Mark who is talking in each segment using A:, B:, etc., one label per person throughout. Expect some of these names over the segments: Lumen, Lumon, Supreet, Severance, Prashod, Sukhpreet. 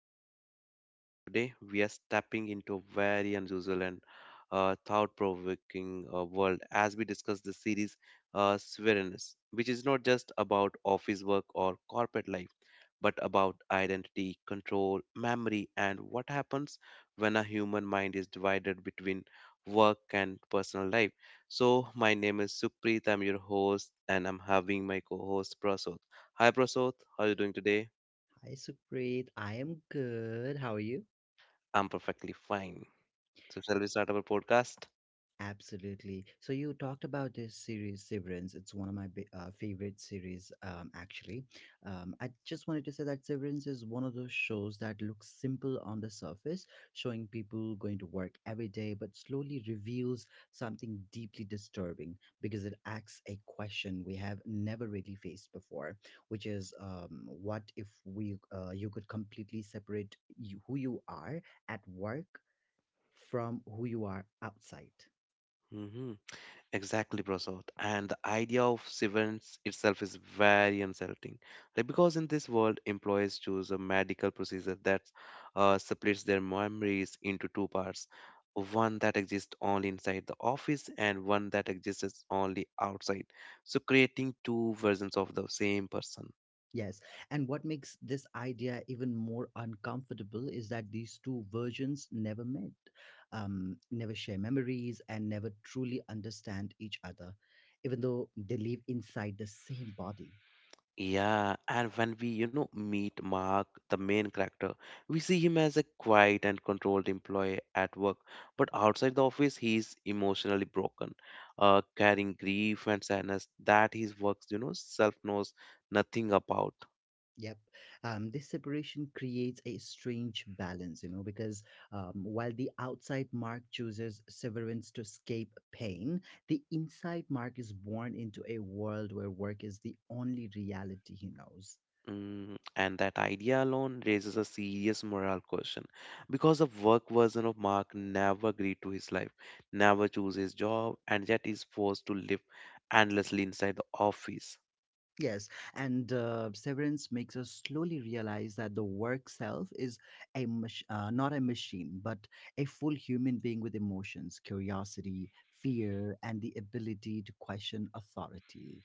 A: to the podcast. And today we are stepping into a very unusual and thought provoking world as we discuss the series Sovereignness, which is not just about office work or corporate life, but about identity, control, memory, and what happens when a human mind is divided between work and personal life. So, my name is Supreet, I'm your host, and I'm having my co host Prasoth. Hi, Prasoth, how are you doing today?
B: Hi, Supreet. I am good. How are you?
A: I'm perfectly fine. So, shall we start our podcast?
B: Absolutely. So you talked about this series, Severance. It's one of my favorite series, actually. I just wanted to say that Severance is one of those shows that looks simple on the surface, showing people going to work every day, but slowly reveals something deeply disturbing because it asks a question we have never really faced before, which is, what if we you could completely separate you, who you are at work from who you are outside?
A: hmm Exactly, Prasad. And the idea of severance itself is very unsettling. Like because in this world, employees choose a medical procedure that splits their memories into two parts, one that exists only inside the office and one that exists only outside. So creating two versions of the same person.
B: Yes. And what makes this idea even more uncomfortable is that these two versions never met, never share memories, and never truly understand each other, even though they live inside the same body.
A: Yeah, and when we, you know, meet Mark, the main character, we see him as a quiet and controlled employee at work, but outside the office, he is emotionally broken, carrying grief and sadness that his works, you know, self knows nothing about.
B: Yep. This separation creates a strange balance, you know, because while the outside Mark chooses severance to escape pain, the inside Mark is born into a world where work is the only reality he knows.
A: Mm, and that idea alone raises a serious moral question because the work version of Mark never agreed to his life, never chose his job, and yet is forced to live endlessly inside the office.
B: Yes, and severance makes us slowly realize that the work self is not a machine, but a full human being with emotions, curiosity, fear, and the ability to question authority.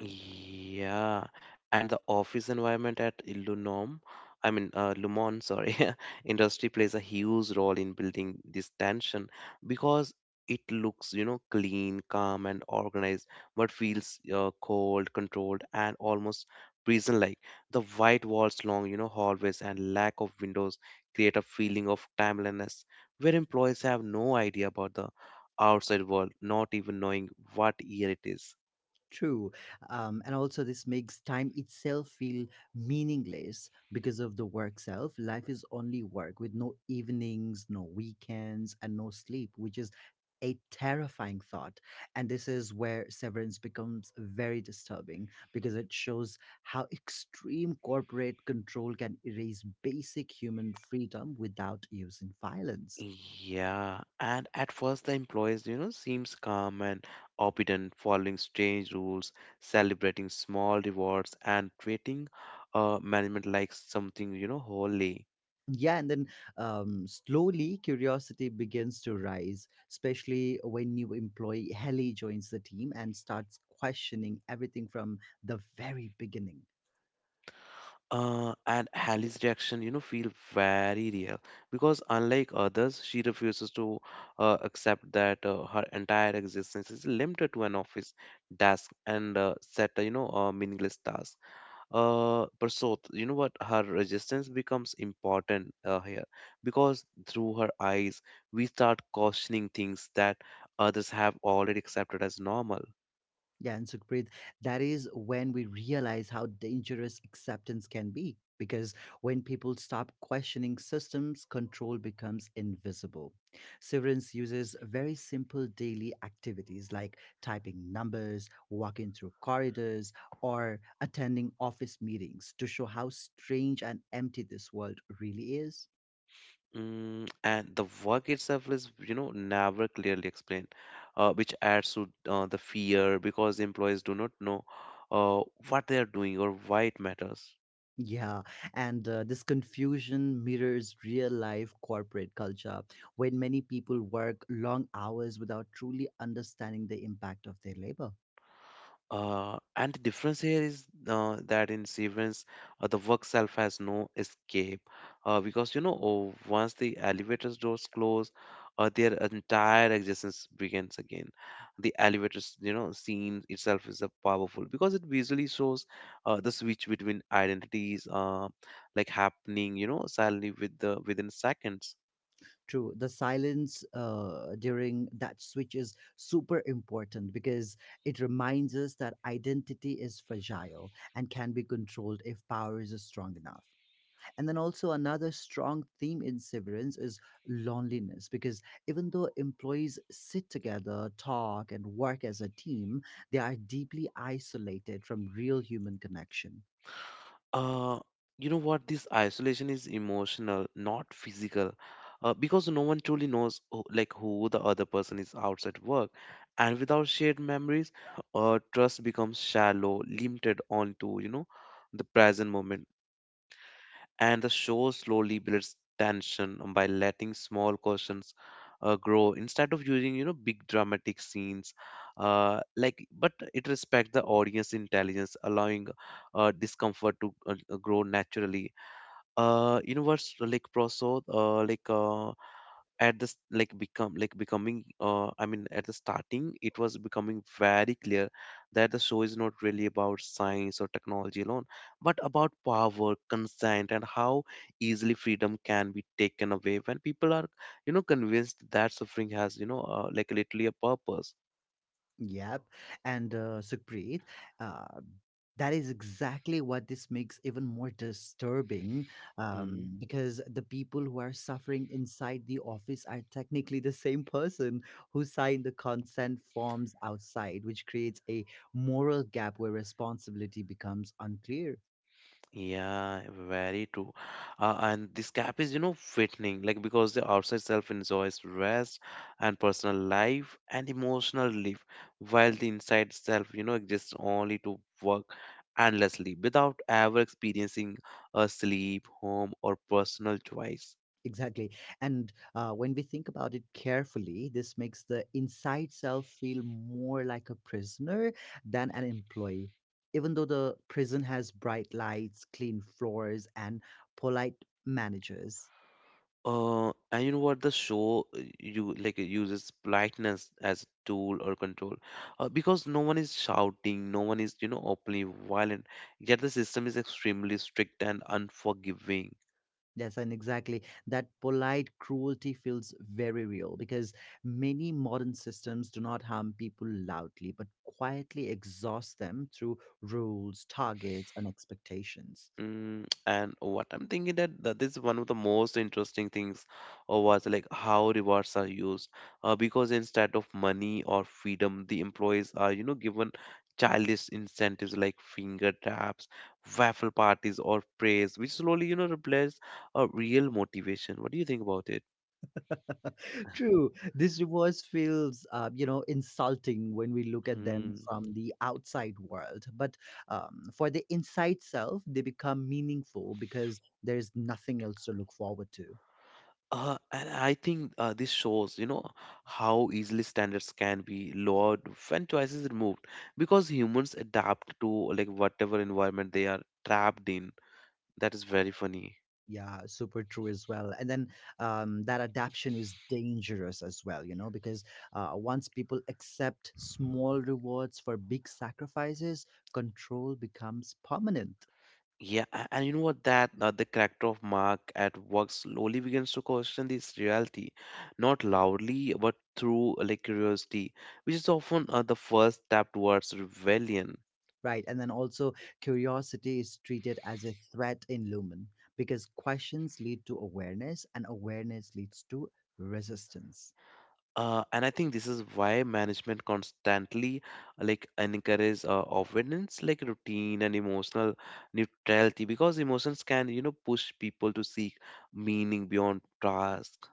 A: Yeah, and the office environment at Lunom, I mean Lumon, sorry, industry plays a huge role in building this tension because it looks, you know, clean, calm, and organized, but feels cold, controlled, and almost prison-like. The white walls, long, you know, hallways, and lack of windows create a feeling of timelessness where employees have no idea about the outside world, not even knowing what year it is.
B: True. And also, this makes time itself feel meaningless because of the work self. Life is only work with no evenings, no weekends, and no sleep, which is a terrifying thought. And this is where severance becomes very disturbing because it shows how extreme corporate control can erase basic human freedom without using violence.
A: Yeah, and at first the employees, you know, seems calm and obedient, following strange rules, celebrating small rewards, and treating management like something, you know, holy.
B: Yeah, and then, slowly curiosity begins to rise, especially when new employee Helly joins the team and starts questioning everything from the very beginning.
A: And Hallie's reaction, you know, feel very real because unlike others, she refuses to accept that her entire existence is limited to an office desk and set, you know, meaningless tasks. Prasot, you know what? Her resistance becomes important here because through her eyes, we start questioning things that others have already accepted as normal.
B: Yeah, and Sukhpreet, that is when we realize how dangerous acceptance can be. Because when people stop questioning systems, control becomes invisible. Severance uses very simple daily activities like typing numbers, walking through corridors, or attending office meetings to show how strange and empty this world really is.
A: Mm, and the work itself is, you know, never clearly explained, which adds to the fear because employees do not know uh, what they are doing or why it matters.
B: Yeah, and this confusion mirrors real life corporate culture when many people work long hours without truly understanding the impact of their labor.
A: And the difference here is that in Severance, the work self has no escape because you know once the elevator's doors close, their entire existence begins again. The elevator's, you know, scene itself is a powerful because it visually shows the switch between identities, like happening, you know, suddenly with the within seconds.
B: True, the silence during that switch is super important because it reminds us that identity is fragile and can be controlled if power is strong enough. And then also another strong theme in Severance is loneliness because even though employees sit together, talk, and work as a team, they are deeply isolated from real human connection.
A: uh you know what, this isolation is emotional, not physical, because no one truly knows who, like who the other person is outside work, and without shared memories, trust becomes shallow, limited onto, you know, the present moment. And the show slowly builds tension by letting small questions grow instead of using, you know, big dramatic scenes, like but it respects the audience intelligence, allowing discomfort to grow naturally. You know what's like, proso like at this like become like becoming, I mean, at the starting it was becoming very clear that the show is not really about science or technology alone, but about power, consent, and how easily freedom can be taken away when people are, you know, convinced that suffering has, you know, like literally a purpose.
B: Yep. And Sukhpreet, uh, that is exactly what this makes even more disturbing,
A: Hmm.
B: because the people who are suffering inside the office are technically the same person who signed the consent forms outside, which creates a moral gap where responsibility becomes unclear.
A: Yeah, very true. And this gap is, you know, fattening, like because the outside self enjoys rest and personal life and emotional life, while the inside self, you know, exists only to work endlessly without ever experiencing a sleep, home, or personal choice.
B: Exactly. And when we think about it carefully, this makes the inside self feel more like a prisoner than an employee. Even though the prison has bright lights, clean floors, and polite managers.
A: And you know what? The show you like it uses politeness as a tool or control, because no one is shouting, no one is, you know, openly violent. Yet the system is extremely strict and unforgiving.
B: Yes, and exactly. That polite cruelty feels very real because many modern systems do not harm people loudly, but quietly exhaust them through rules, targets, and expectations.
A: Mm, and what I'm thinking that, that this is one of the most interesting things was like how rewards are used, because instead of money or freedom the employees are, you know, given childish incentives like finger taps, waffle parties, or praise, which slowly, you know, replace a real motivation. What do you think about it?
B: True. These rewards feels, you know, insulting when we look at them
A: Hmm.
B: from the outside world. But for the inside self, they become meaningful because there's nothing else to look forward to.
A: And I think this shows, you know, how easily standards can be lowered when choice is removed, because humans adapt to like whatever environment they are trapped in. That is very funny.
B: Yeah, super true as well. And then, that adaption is dangerous as well, you know, because once people accept small rewards for big sacrifices, control becomes permanent.
A: Yeah, and you know what? That, the character of Mark at work slowly begins to question this reality, not loudly, but through like curiosity, which is often the first step towards rebellion.
B: Right. And then also, curiosity is treated as a threat in Lumen because questions lead to awareness and awareness leads to resistance.
A: And I think this is why management constantly like encourages avoidance, like routine and emotional neutrality, because emotions can, you know, push people to seek meaning beyond tasks.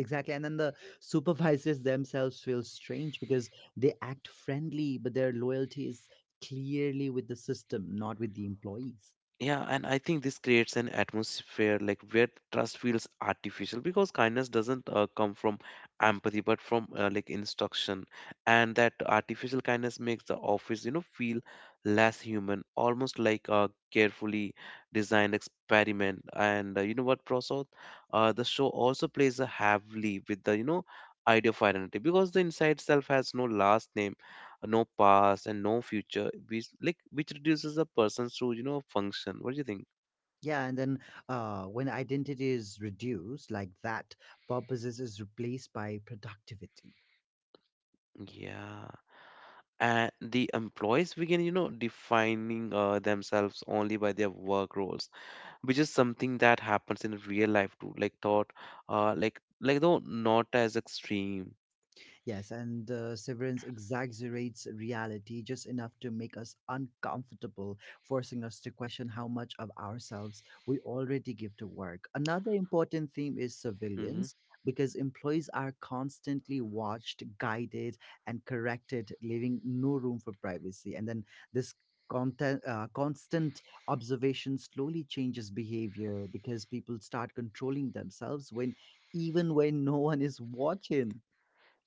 B: Exactly. And then the supervisors themselves feel strange because they act friendly, but their loyalty is clearly with the system, not with the employees.
A: Yeah, and I think this creates an atmosphere like where trust feels artificial because kindness doesn't come from empathy but from like instruction, and that artificial kindness makes the office, you know, feel less human, almost like a carefully designed experiment. And you know what, Prasad? The show also plays a heavily with the, you know, idea of identity because the inside self has no last name, no past, and no future, which like which reduces a person's to, you know, function. What do you think?
B: Yeah. And then when identity is reduced like that, purposes is replaced by productivity.
A: Yeah,
B: Su capital
A: and
B: es
A: the
B: São Luís.
A: employees begin, you know, defining themselves only by their work roles, which is something that happens in real life too, like thought, though not as extreme.
B: Yes, and Severance exaggerates reality just enough to make us uncomfortable, forcing us to question how much of ourselves we already give to work. Another important theme is
A: Mm-hmm.
B: surveillance, because employees are constantly watched, guided, and corrected, leaving no room for privacy. And then this content, constant observation slowly changes behavior because people start controlling themselves when even when no one is watching.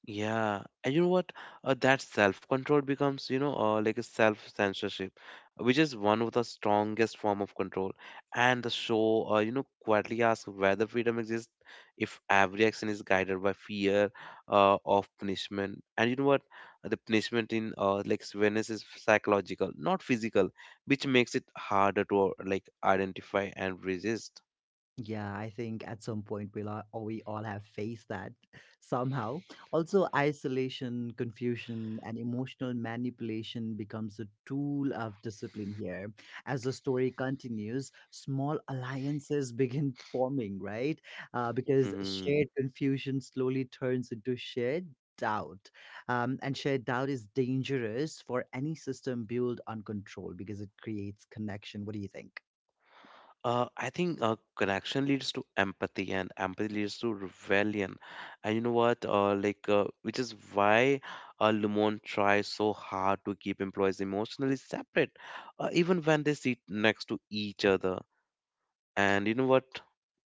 A: Yeah, and you know what? That self-control becomes, you know, like a self-censorship, which is one of the strongest form of control. And the show, you know, quietly asks whether freedom exists if every action is guided by fear of punishment. And you know what? The punishment in like Venice is psychological, not physical, which makes it harder to like identify and resist.
B: Yeah, I think at some point we all have faced that somehow. Also, isolation, confusion, and emotional manipulation becomes a tool of discipline here. As the story continues, small alliances begin forming, right? Because
A: Mm-hmm.
B: shared confusion slowly turns into shared doubt, and shared doubt is dangerous for any system built on control because it creates connection. What do you think?
A: I think connection leads to empathy, and empathy leads to rebellion. And you know what? Which is why Lumon tries so hard to keep employees emotionally separate, even when they sit next to each other. And you know what?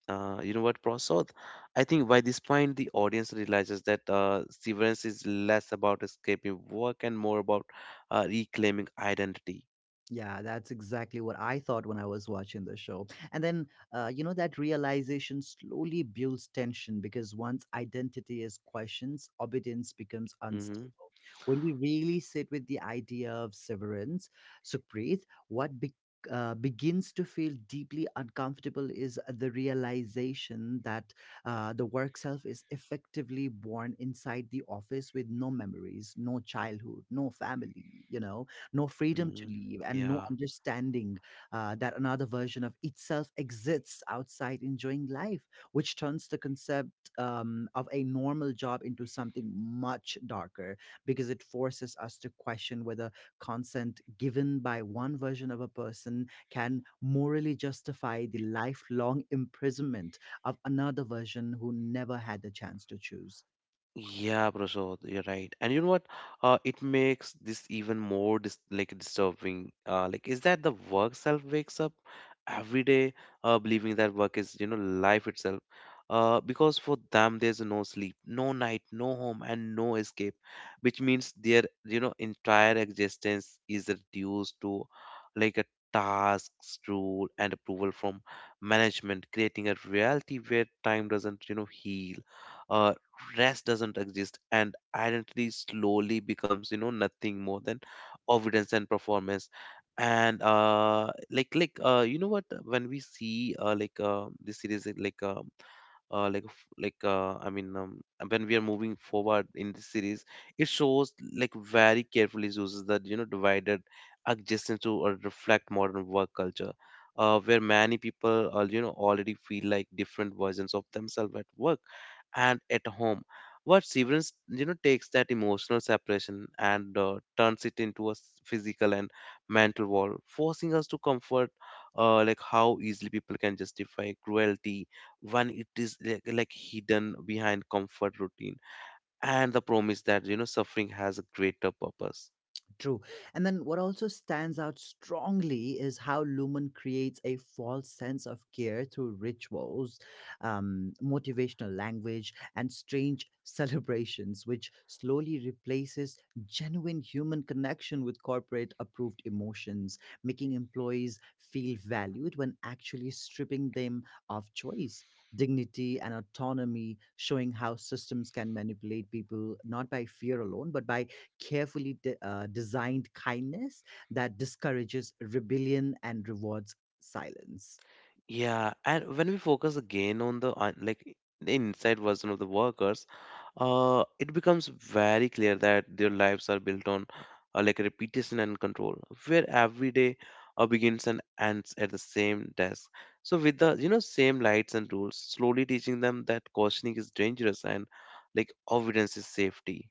A: You know what, Prasad? I think by this point, the audience realizes that severance is less about escaping work and more about reclaiming identity.
B: Yeah, that's exactly what I thought when I was watching the show. And then, you know, that realization slowly builds tension because once identity is questioned, obedience becomes
A: Mm-hmm.
B: unstable. When we really sit with the idea of severance, Supreet, what be- begins to feel deeply uncomfortable is the realization that the work self is effectively born inside the office with no memories, no childhood, no family, you know, no freedom to
A: Hmm.
B: leave, and no
A: Yeah.
B: understanding that another version of itself exists outside enjoying life, which turns the concept, of a normal job into something much darker because it forces us to question whether consent given by one version of a person can morally justify the lifelong imprisonment of another version who never had the chance to choose.
A: Yeah, Prasad, you're right. And you know what? It makes this even more disturbing. Like, is that the work self wakes up every day, believing that work is, you know, life itself. Because for them, there's no sleep, no night, no home, and no escape, which means their, you know, entire existence is reduced to like a tasks, rule, and approval from management, creating a reality where time doesn't, you know, heal. Uh Rest doesn't exist, and identity slowly becomes, you know, nothing more than evidence and performance. And you know what, when we see, this series is like, I mean, when we are moving forward in this series, it shows like very carefully uses that, you know, divided adjacent to or reflect modern work culture, where many people, you know, already feel like different versions of themselves at work and at home. What severance, you know, takes that emotional separation and turns it into a physical and mental wall, forcing us to comfort, like how easily people can justify cruelty when it is like hidden behind comfort, routine, and the promise that, you know, suffering has a greater purpose.
B: True. And then what also stands out strongly is how Lumen creates a false sense of care through rituals, motivational language, and strange celebrations, which slowly replaces genuine human connection with corporate approved emotions, making employees feel valued when actually stripping them of choice. Dignity and autonomy, showing how systems can manipulate people not by fear alone, but by carefully designed kindness that discourages rebellion and rewards silence.
A: Yeah, and when we focus again on the the inside version of the workers, it becomes very clear that their lives are built on like repetition and control, where every day begins and ends at the same desk. So with the, you know, same lights and rules, slowly teaching them that cautioning is dangerous and like avoidance is safety.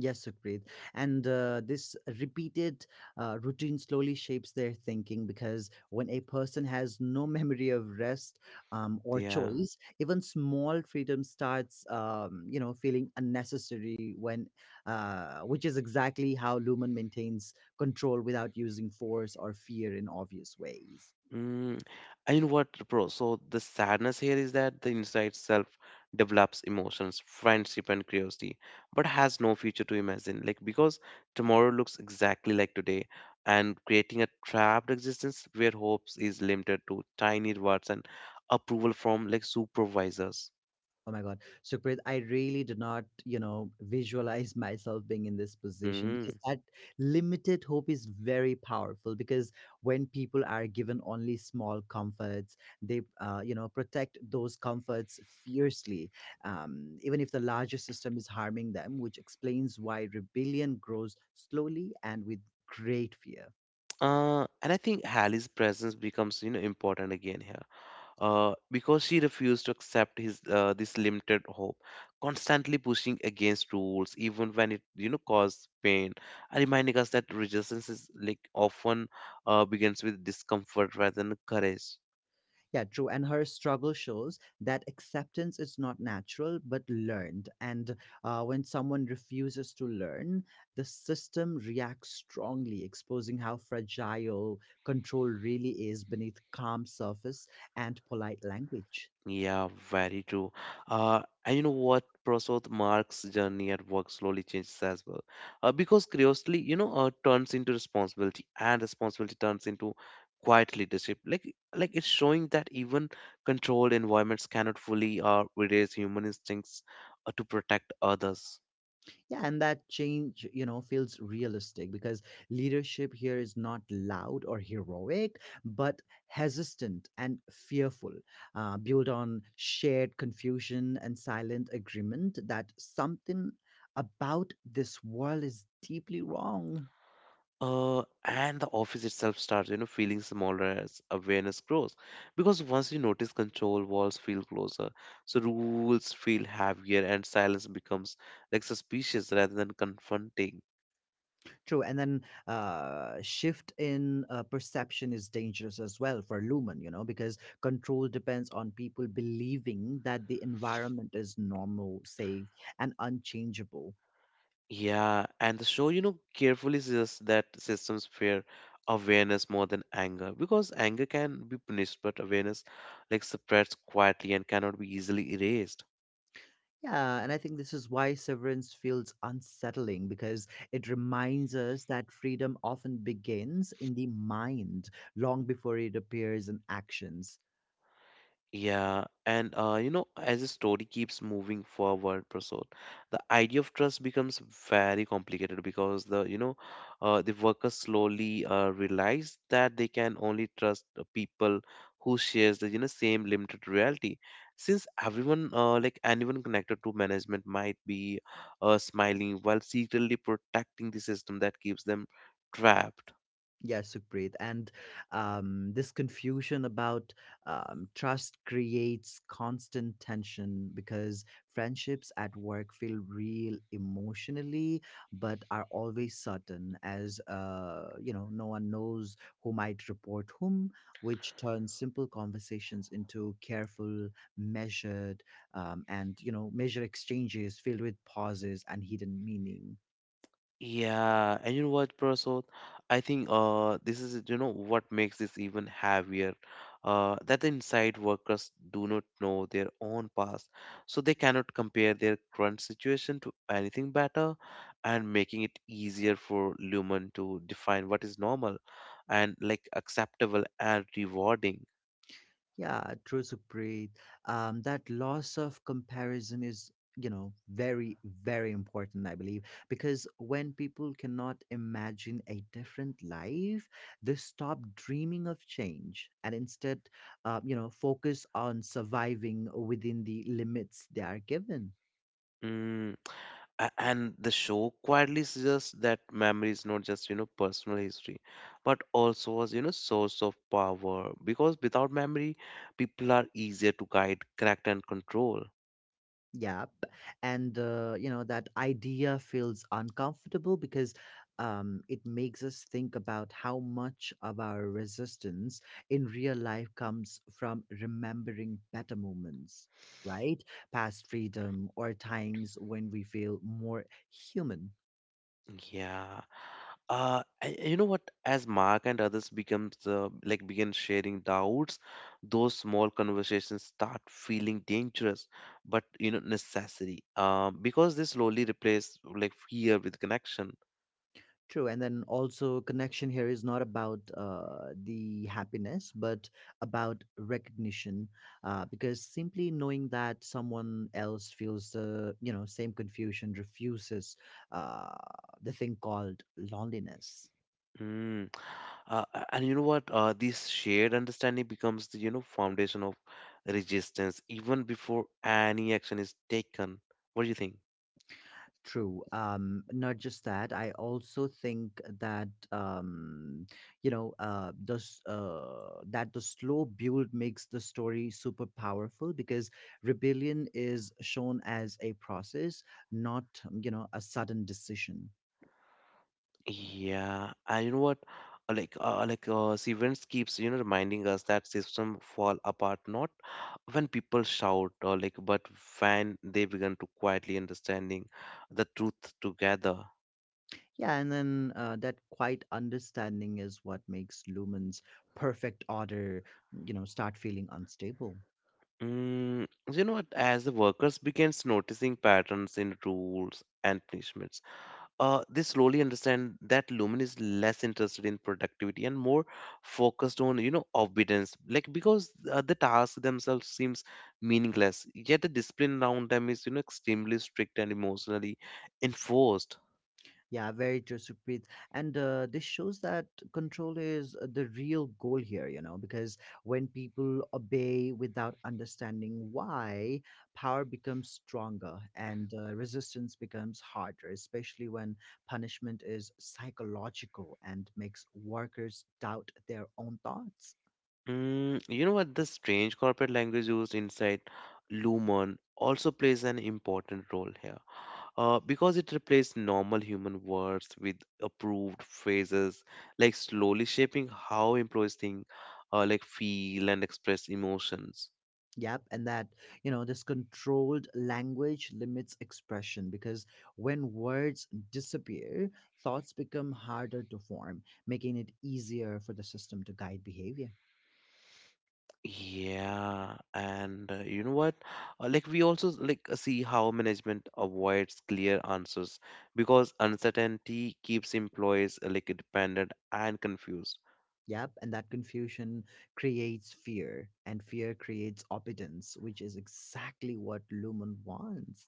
B: Yes, Sukrit. And this repeated routine slowly shapes their thinking because when a person has no memory of rest, or
A: Yeah.
B: choice, even small freedom starts, you know, feeling unnecessary. When, which is exactly how Lumen maintains control without using force or fear in obvious ways.
A: Mm, and you know what, bro? So the sadness here is that the inside self develops emotions, friendship, and curiosity, but has no future to imagine. Like because tomorrow looks exactly like today, and creating a trapped existence where hopes is limited to tiny rewards and approval from like supervisors.
B: Oh my God. Sukhpreet, I really do not, you know, visualize myself being in this position
A: Mm.
B: because that limited hope is very powerful. Because when people are given only small comforts, they, you know, protect those comforts fiercely, even if the larger system is harming them, which explains why rebellion grows slowly and with great fear.
A: And I think Hallie's presence becomes, you know, important again here. Because she refused to accept his this limited hope, constantly pushing against rules, even when it caused pain, reminding us that resistance is like often begins with discomfort rather than courage.
B: Yeah, true. And her struggle shows that acceptance is not natural but learned. And when someone refuses to learn, the system reacts strongly, exposing how fragile control really is beneath calm surface and polite language.
A: Yeah, very true. And you know what? Prasad, Mark's journey at work slowly changes as well. Because curiosity, turns into responsibility, and responsibility turns into quiet leadership. Like it's showing that even controlled environments cannot fully erase human instincts to protect others.
B: Yeah, and that change, you know, feels realistic because leadership here is not loud or heroic, but hesitant and fearful, built on shared confusion and silent agreement that something about this world is deeply wrong.
A: And the office itself starts feeling smaller as awareness grows, because once you notice control, walls feel closer, so rules feel heavier and silence becomes like suspicious rather than confronting.
B: True, and then shift in perception is dangerous as well for Lumen, you know, because control depends on people believing that the environment is normal, safe, and unchangeable.
A: Yeah, and the show carefully suggests that systems fear awareness more than anger, because anger can be punished but awareness like spreads quietly and cannot be easily erased.
B: Yeah, and I think this is why severance feels unsettling because it reminds us that freedom often begins in the mind long before it appears in actions.
A: Yeah, and as the story keeps moving forward, Prasad, the idea of trust becomes very complicated, because the workers slowly realize that they can only trust the people who shares the same limited reality. Since everyone, like anyone connected to management, might be smiling while secretly protecting the system that keeps them trapped.
B: Yes, Sukhpreet. And this confusion about trust creates constant tension because friendships at work feel real emotionally, but are always certain as, you know, no one knows who might report whom, which turns simple conversations into careful, measured, and, you know, measure exchanges filled with pauses and hidden meaning.
A: Yeah, and you know what, Prasad? I think this is what makes this even heavier. That the inside workers do not know their own past, so they cannot compare their current situation to anything better, and making it easier for Lumen to define what is normal and like acceptable and rewarding.
B: Yeah, true, Supreet. That loss of comparison is, you know, very, very important, I believe, because when people cannot imagine a different life, they stop dreaming of change and instead, you know, focus on surviving within the limits they are given.
A: Mm. And the show quietly suggests that memory is not just personal history but also was source of power, because without memory people are easier to guide, correct, and control.
B: Yep. And, you know, that idea feels uncomfortable because it makes us think about how much of our resistance in real life comes from remembering better moments, right? Past freedom or times when we feel more human.
A: Yeah, and you know what? As Mark and others becomes like begin sharing doubts, those small conversations start feeling dangerous but necessary, um, because they slowly replace like fear with connection.
B: True, and then also connection here is not about the happiness, but about recognition, because simply knowing that someone else feels the you know same confusion refuses uh, the thing called loneliness.
A: Hmm. Uh, and you know what? This shared understanding becomes the foundation of resistance even before any action is taken. What do you think?
B: True. Not just that, I also think that, you know, that the slow build makes the story super powerful because rebellion is shown as a process, not, you know, a sudden decision.
A: Yeah, and you know what? Events keeps reminding us that system fall apart not when people shout or like, but when they begin to quietly understanding the truth together.
B: Yeah, and then that quiet understanding is what makes Lumen's perfect order, you know, start feeling unstable.
A: Mm, you know what? As the workers begins noticing patterns in rules and punishments, they slowly understand that Lumen is less interested in productivity and more focused on obedience, like because the task themselves seems meaningless, yet the discipline around them is extremely strict and emotionally enforced.
B: Yeah, very true, Supreet. And this shows that control is the real goal here, you know, because when people obey without understanding why, power becomes stronger and resistance becomes harder, especially when punishment is psychological and makes workers doubt their own thoughts.
A: Mm, you know what, the strange corporate language used inside Lumen also plays an important role here, because it replaced normal human words with approved phrases, like slowly shaping how employees think, like feel and express emotions.
B: Yep, and this controlled language limits expression because when words disappear, thoughts become harder to form, making it easier for the system to guide behavior.
A: Yeah, and you know what? Like we also see how management avoids clear answers because uncertainty keeps employees like dependent and confused.
B: Yep, and that confusion creates fear, and fear creates obedience, which is exactly what Lumen wants.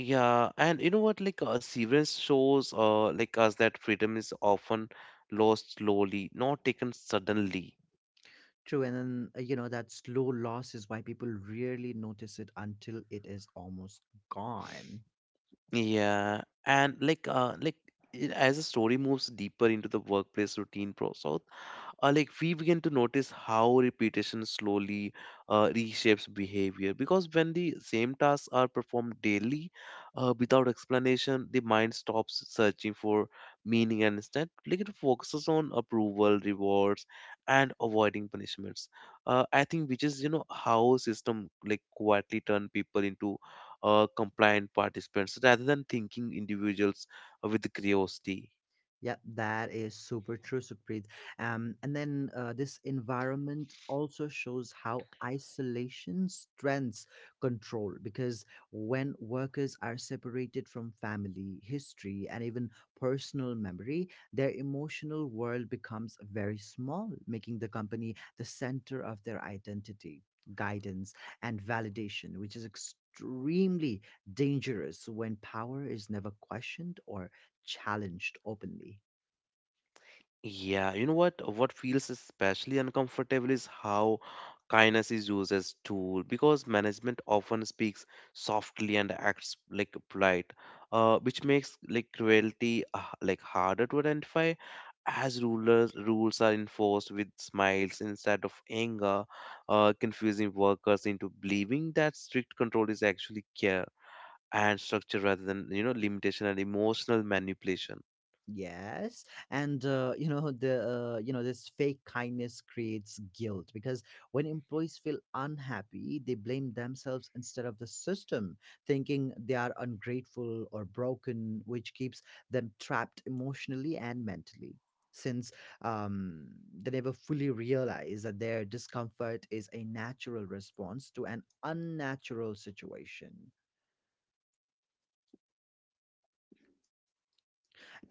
A: Yeah, and you know what? Like, Severance shows, like us that freedom is often lost slowly, not taken suddenly.
B: True, and then that slow loss is why people rarely notice it until it is almost gone.
A: Yeah, and as the story moves deeper into the workplace routine process, like we begin to notice how repetition slowly reshapes behavior, because when the same tasks are performed daily without explanation, the mind stops searching for meaning and instead like it focuses on approval, rewards, and avoiding punishments. I think which is how system like quietly turn people into compliant participants rather than thinking individuals with curiosity.
B: Yep, that is super true, Supreet. And then this environment also shows how isolation strengths control because when workers are separated from family, history, and even personal memory, their emotional world becomes very small, making the company the center of their identity, guidance, and validation, which is extremely dangerous when power is never questioned or challenged openly.
A: Yeah, you know what? What feels especially uncomfortable is how kindness is used as tool, because management often speaks softly and acts like polite, which makes like cruelty like harder to identify as rulers rules are enforced with smiles instead of anger, confusing workers into believing that strict control is actually care and structure rather than limitation and emotional manipulation.
B: Yes, and you know the you know this fake kindness creates guilt because when employees feel unhappy they blame themselves instead of the system, thinking they are ungrateful or broken, which keeps them trapped emotionally and mentally, since um, they never fully realize that their discomfort is a natural response to an unnatural situation.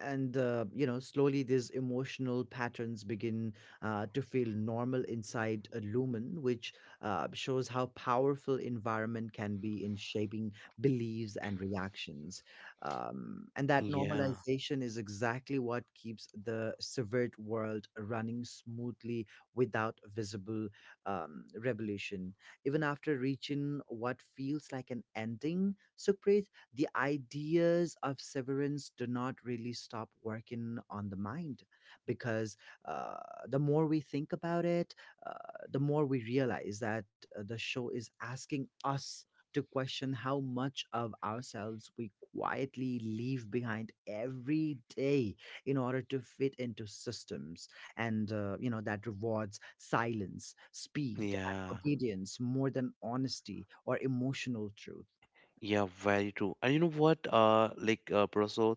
B: And slowly these emotional patterns begin to feel normal inside a lumen, which shows how powerful environment can be in shaping beliefs and reactions. And that
A: Yeah,
B: normalization is exactly what keeps the civil world running smoothly without visible revolution. Even after reaching what feels like an ending, Sucrit, the ideas of severance do not really stop working on the mind, because uh, the more we think about it, uh, the more we realize that the show is asking us to question how much of ourselves we quietly leave behind every day in order to fit into systems and that rewards silence, speed, and
A: yeah.
B: obedience more than honesty or emotional truth.
A: Yeah, very true. And you know what, Prasad,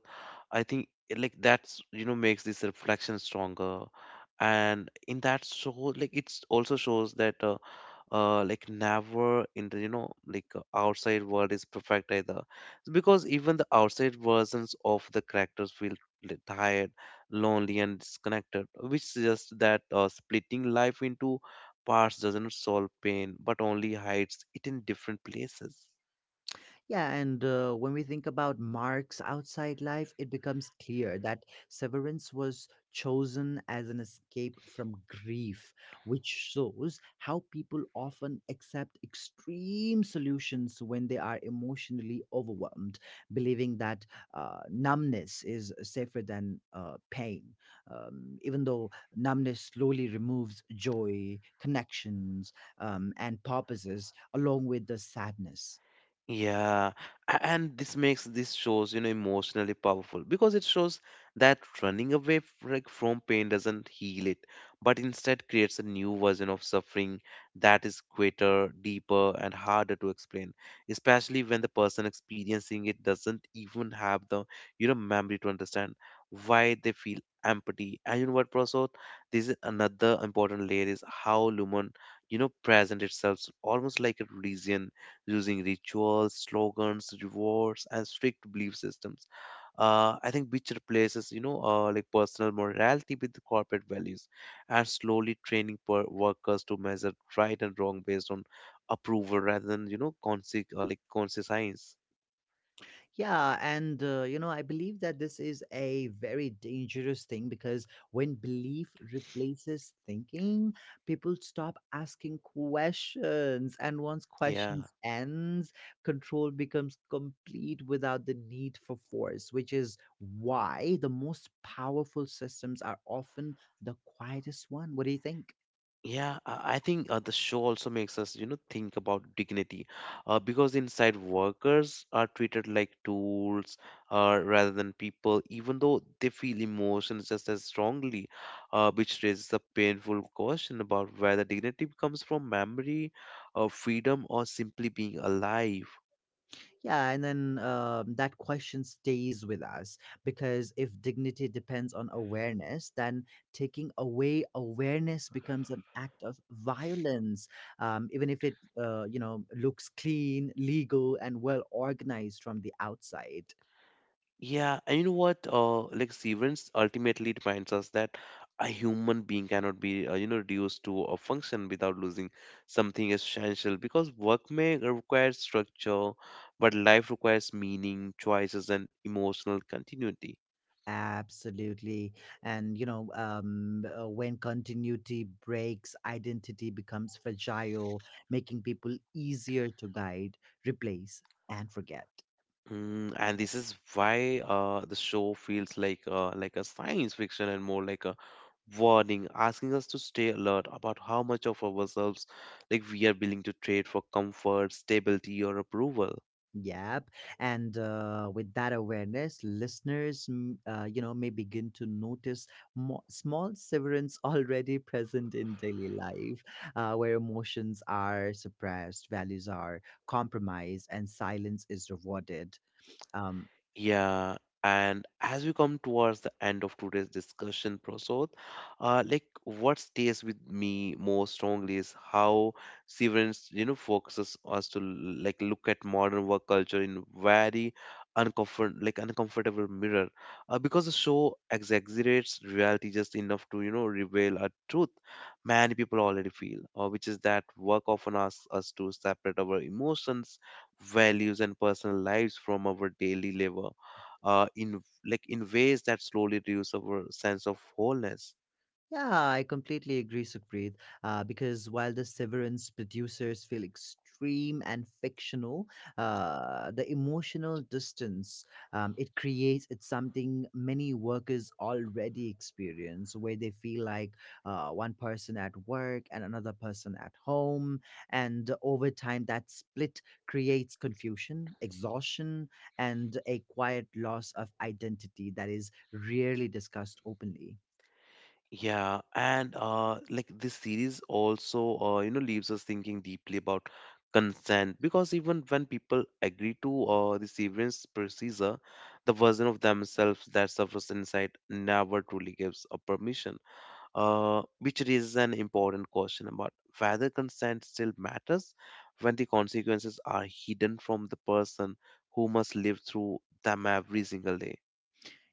A: I think like that's makes this reflection stronger, and in that show, like it's also shows that never in the outside world is perfect either, because even the outside versions of the characters feel tired, lonely, and disconnected, which suggests that splitting life into parts doesn't solve pain, but only hides it in different places.
B: Yeah, and when we think about Mark's outside life, it becomes clear that severance was chosen as an escape from grief, which shows how people often accept extreme solutions when they are emotionally overwhelmed, believing that numbness is safer than pain, even though numbness slowly removes joy, connections, and purposes along with the sadness.
A: Yeah, and this makes these shows, you know, emotionally powerful because it shows that running away from pain doesn't heal it, but instead creates a new version of suffering that is greater, deeper, and harder to explain, especially when the person experiencing it doesn't even have the, you know, memory to understand why they feel empathy. And you know what, Prasad? This is another important layer, is how Lumen, you know, present itself almost like a religion, using rituals, slogans, rewards, and strict belief systems. I think which replaces, you know, like personal morality with corporate values, and slowly training workers to measure right and wrong based on approval rather than, you know, conscious or like conscious science.
B: Yeah, and I believe that this is a very dangerous thing because when belief replaces thinking, people stop asking questions. And once
A: Yeah.
B: questions ends, control becomes complete without the need for force, which is why the most powerful systems are often the quietest one. What do you think?
A: Yeah, I think the show also makes us, you know, think about dignity, because inside workers are treated like tools rather than people, even though they feel emotions just as strongly, which raises a painful question about whether dignity comes from memory, or freedom, or simply being alive.
B: Yeah, and then that question stays with us because if dignity depends on awareness, then taking away awareness becomes an act of violence, even if it looks clean, legal, and well organized from the outside.
A: Yeah, and you know what? Like Severance ultimately reminds us that a human being cannot be, you know, reduced to a function without losing something essential. Because work may require structure, but life requires meaning, choices, and emotional continuity.
B: Absolutely. And when continuity breaks, identity becomes fragile, making people easier to guide, replace, and forget.
A: Mm, and this is why the show feels like a science fiction and more like a warning, asking us to stay alert about how much of ourselves like we are willing to trade for comfort, stability, or approval.
B: Yep. And with that awareness, listeners, may begin to notice small severance already present in daily life, where emotions are suppressed, values are compromised, and silence is rewarded. Um,
A: Yeah, and as we come towards the end of today's discussion, Prasad, like what stays with me most strongly is how Severance, you know, focuses us to like look at modern work culture in very uncomfortable mirror, because the show exaggerates reality just enough to reveal a truth many people already feel, which is that work often asks us to separate our emotions, values, and personal lives from our daily labor in ways that slowly reduce our sense of wholeness.
B: Yeah, I completely agree, Sukhpreet. Because while the Severance producers feel extreme and fictional, the emotional distance it creates, it's something many workers already experience, where they feel like one person at work and another person at home, and over time that split creates confusion, exhaustion, and a quiet loss of identity that is rarely discussed openly.
A: Yeah, and like this series also you know leaves us thinking deeply about consent, because even when people agree to the severance procedure, the version of themselves that suffers inside never truly gives a permission, which raises an important question about whether consent still matters when the consequences are hidden from the person who must live through them every single day.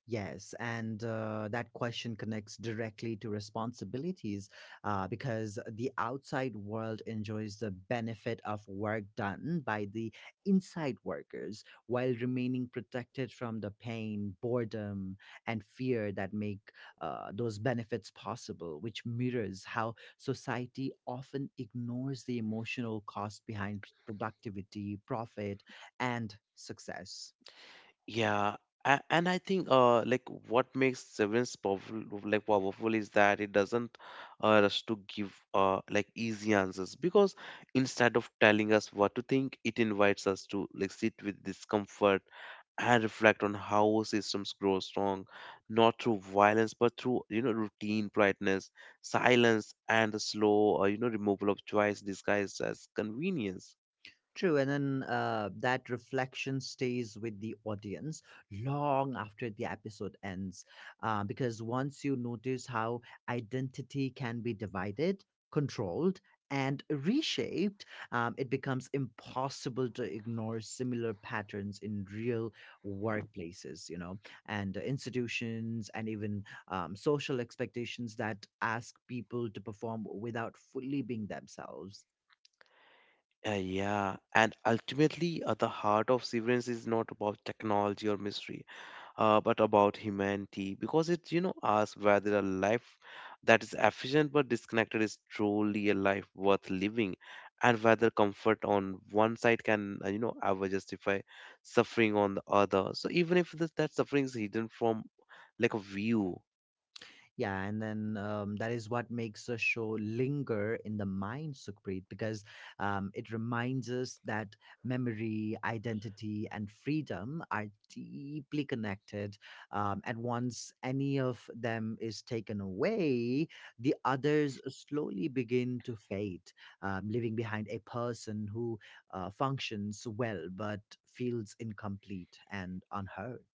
B: Yes, and that question connects directly to responsibilities, because the outside world enjoys the benefit of work done by the inside workers while remaining protected from the pain, boredom, and fear that make those benefits possible, which mirrors how society often ignores the emotional cost behind productivity, profit, and success.
A: Yeah, and I think what makes Severance powerful like powerful is that it doesn't rush to give like easy answers, because instead of telling us what to think, it invites us to like sit with discomfort and reflect on how systems grow strong, not through violence but through you know routine politeness, silence, and the slow you know removal of choice disguised as convenience.
B: True, and then that reflection stays with the audience long after the episode ends, because once you notice how identity can be divided, controlled, and reshaped, it becomes impossible to ignore similar patterns in real workplaces, and institutions, and even social expectations that ask people to perform without fully being themselves.
A: Yeah, and ultimately, the heart of Severance is not about technology or mystery, but about humanity, because it, you know, asks whether a life that is efficient but disconnected is truly a life worth living, and whether comfort on one side can, you know, ever justify suffering on the other. So even if that suffering is hidden from like a view.
B: Yeah, and then that is what makes a show linger in the mind, Sukhpreet, because it reminds us that memory, identity, and freedom are deeply connected. And once any of them is taken away, the others slowly begin to fade, leaving behind a person who functions well but feels incomplete and unheard.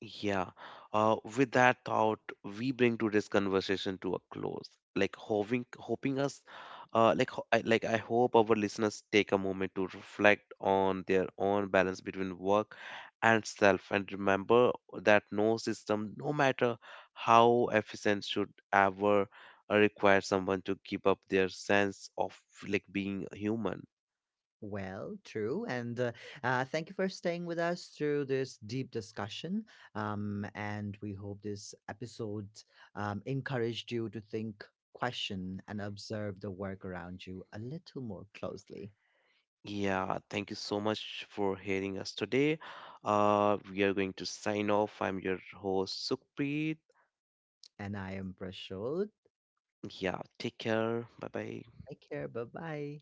A: Yeah. With that thought, we bring today's conversation to a close. Like hoping, hoping us, like ho- I, like I hope our listeners take a moment to reflect on their own balance between work and self, and remember that no system, no matter how efficient, should ever require someone to give up their sense of like being human.
B: Well, true. And thank you for staying with us through this deep discussion. And we hope this episode encouraged you to think, question, and observe the work around you a little more closely.
A: Yeah, thank you so much for hearing us today. We are going to sign off. I'm your host, Sukhpreet.
B: And I am Prashod.
A: Yeah, take care. Bye bye.
B: Take care. Bye bye.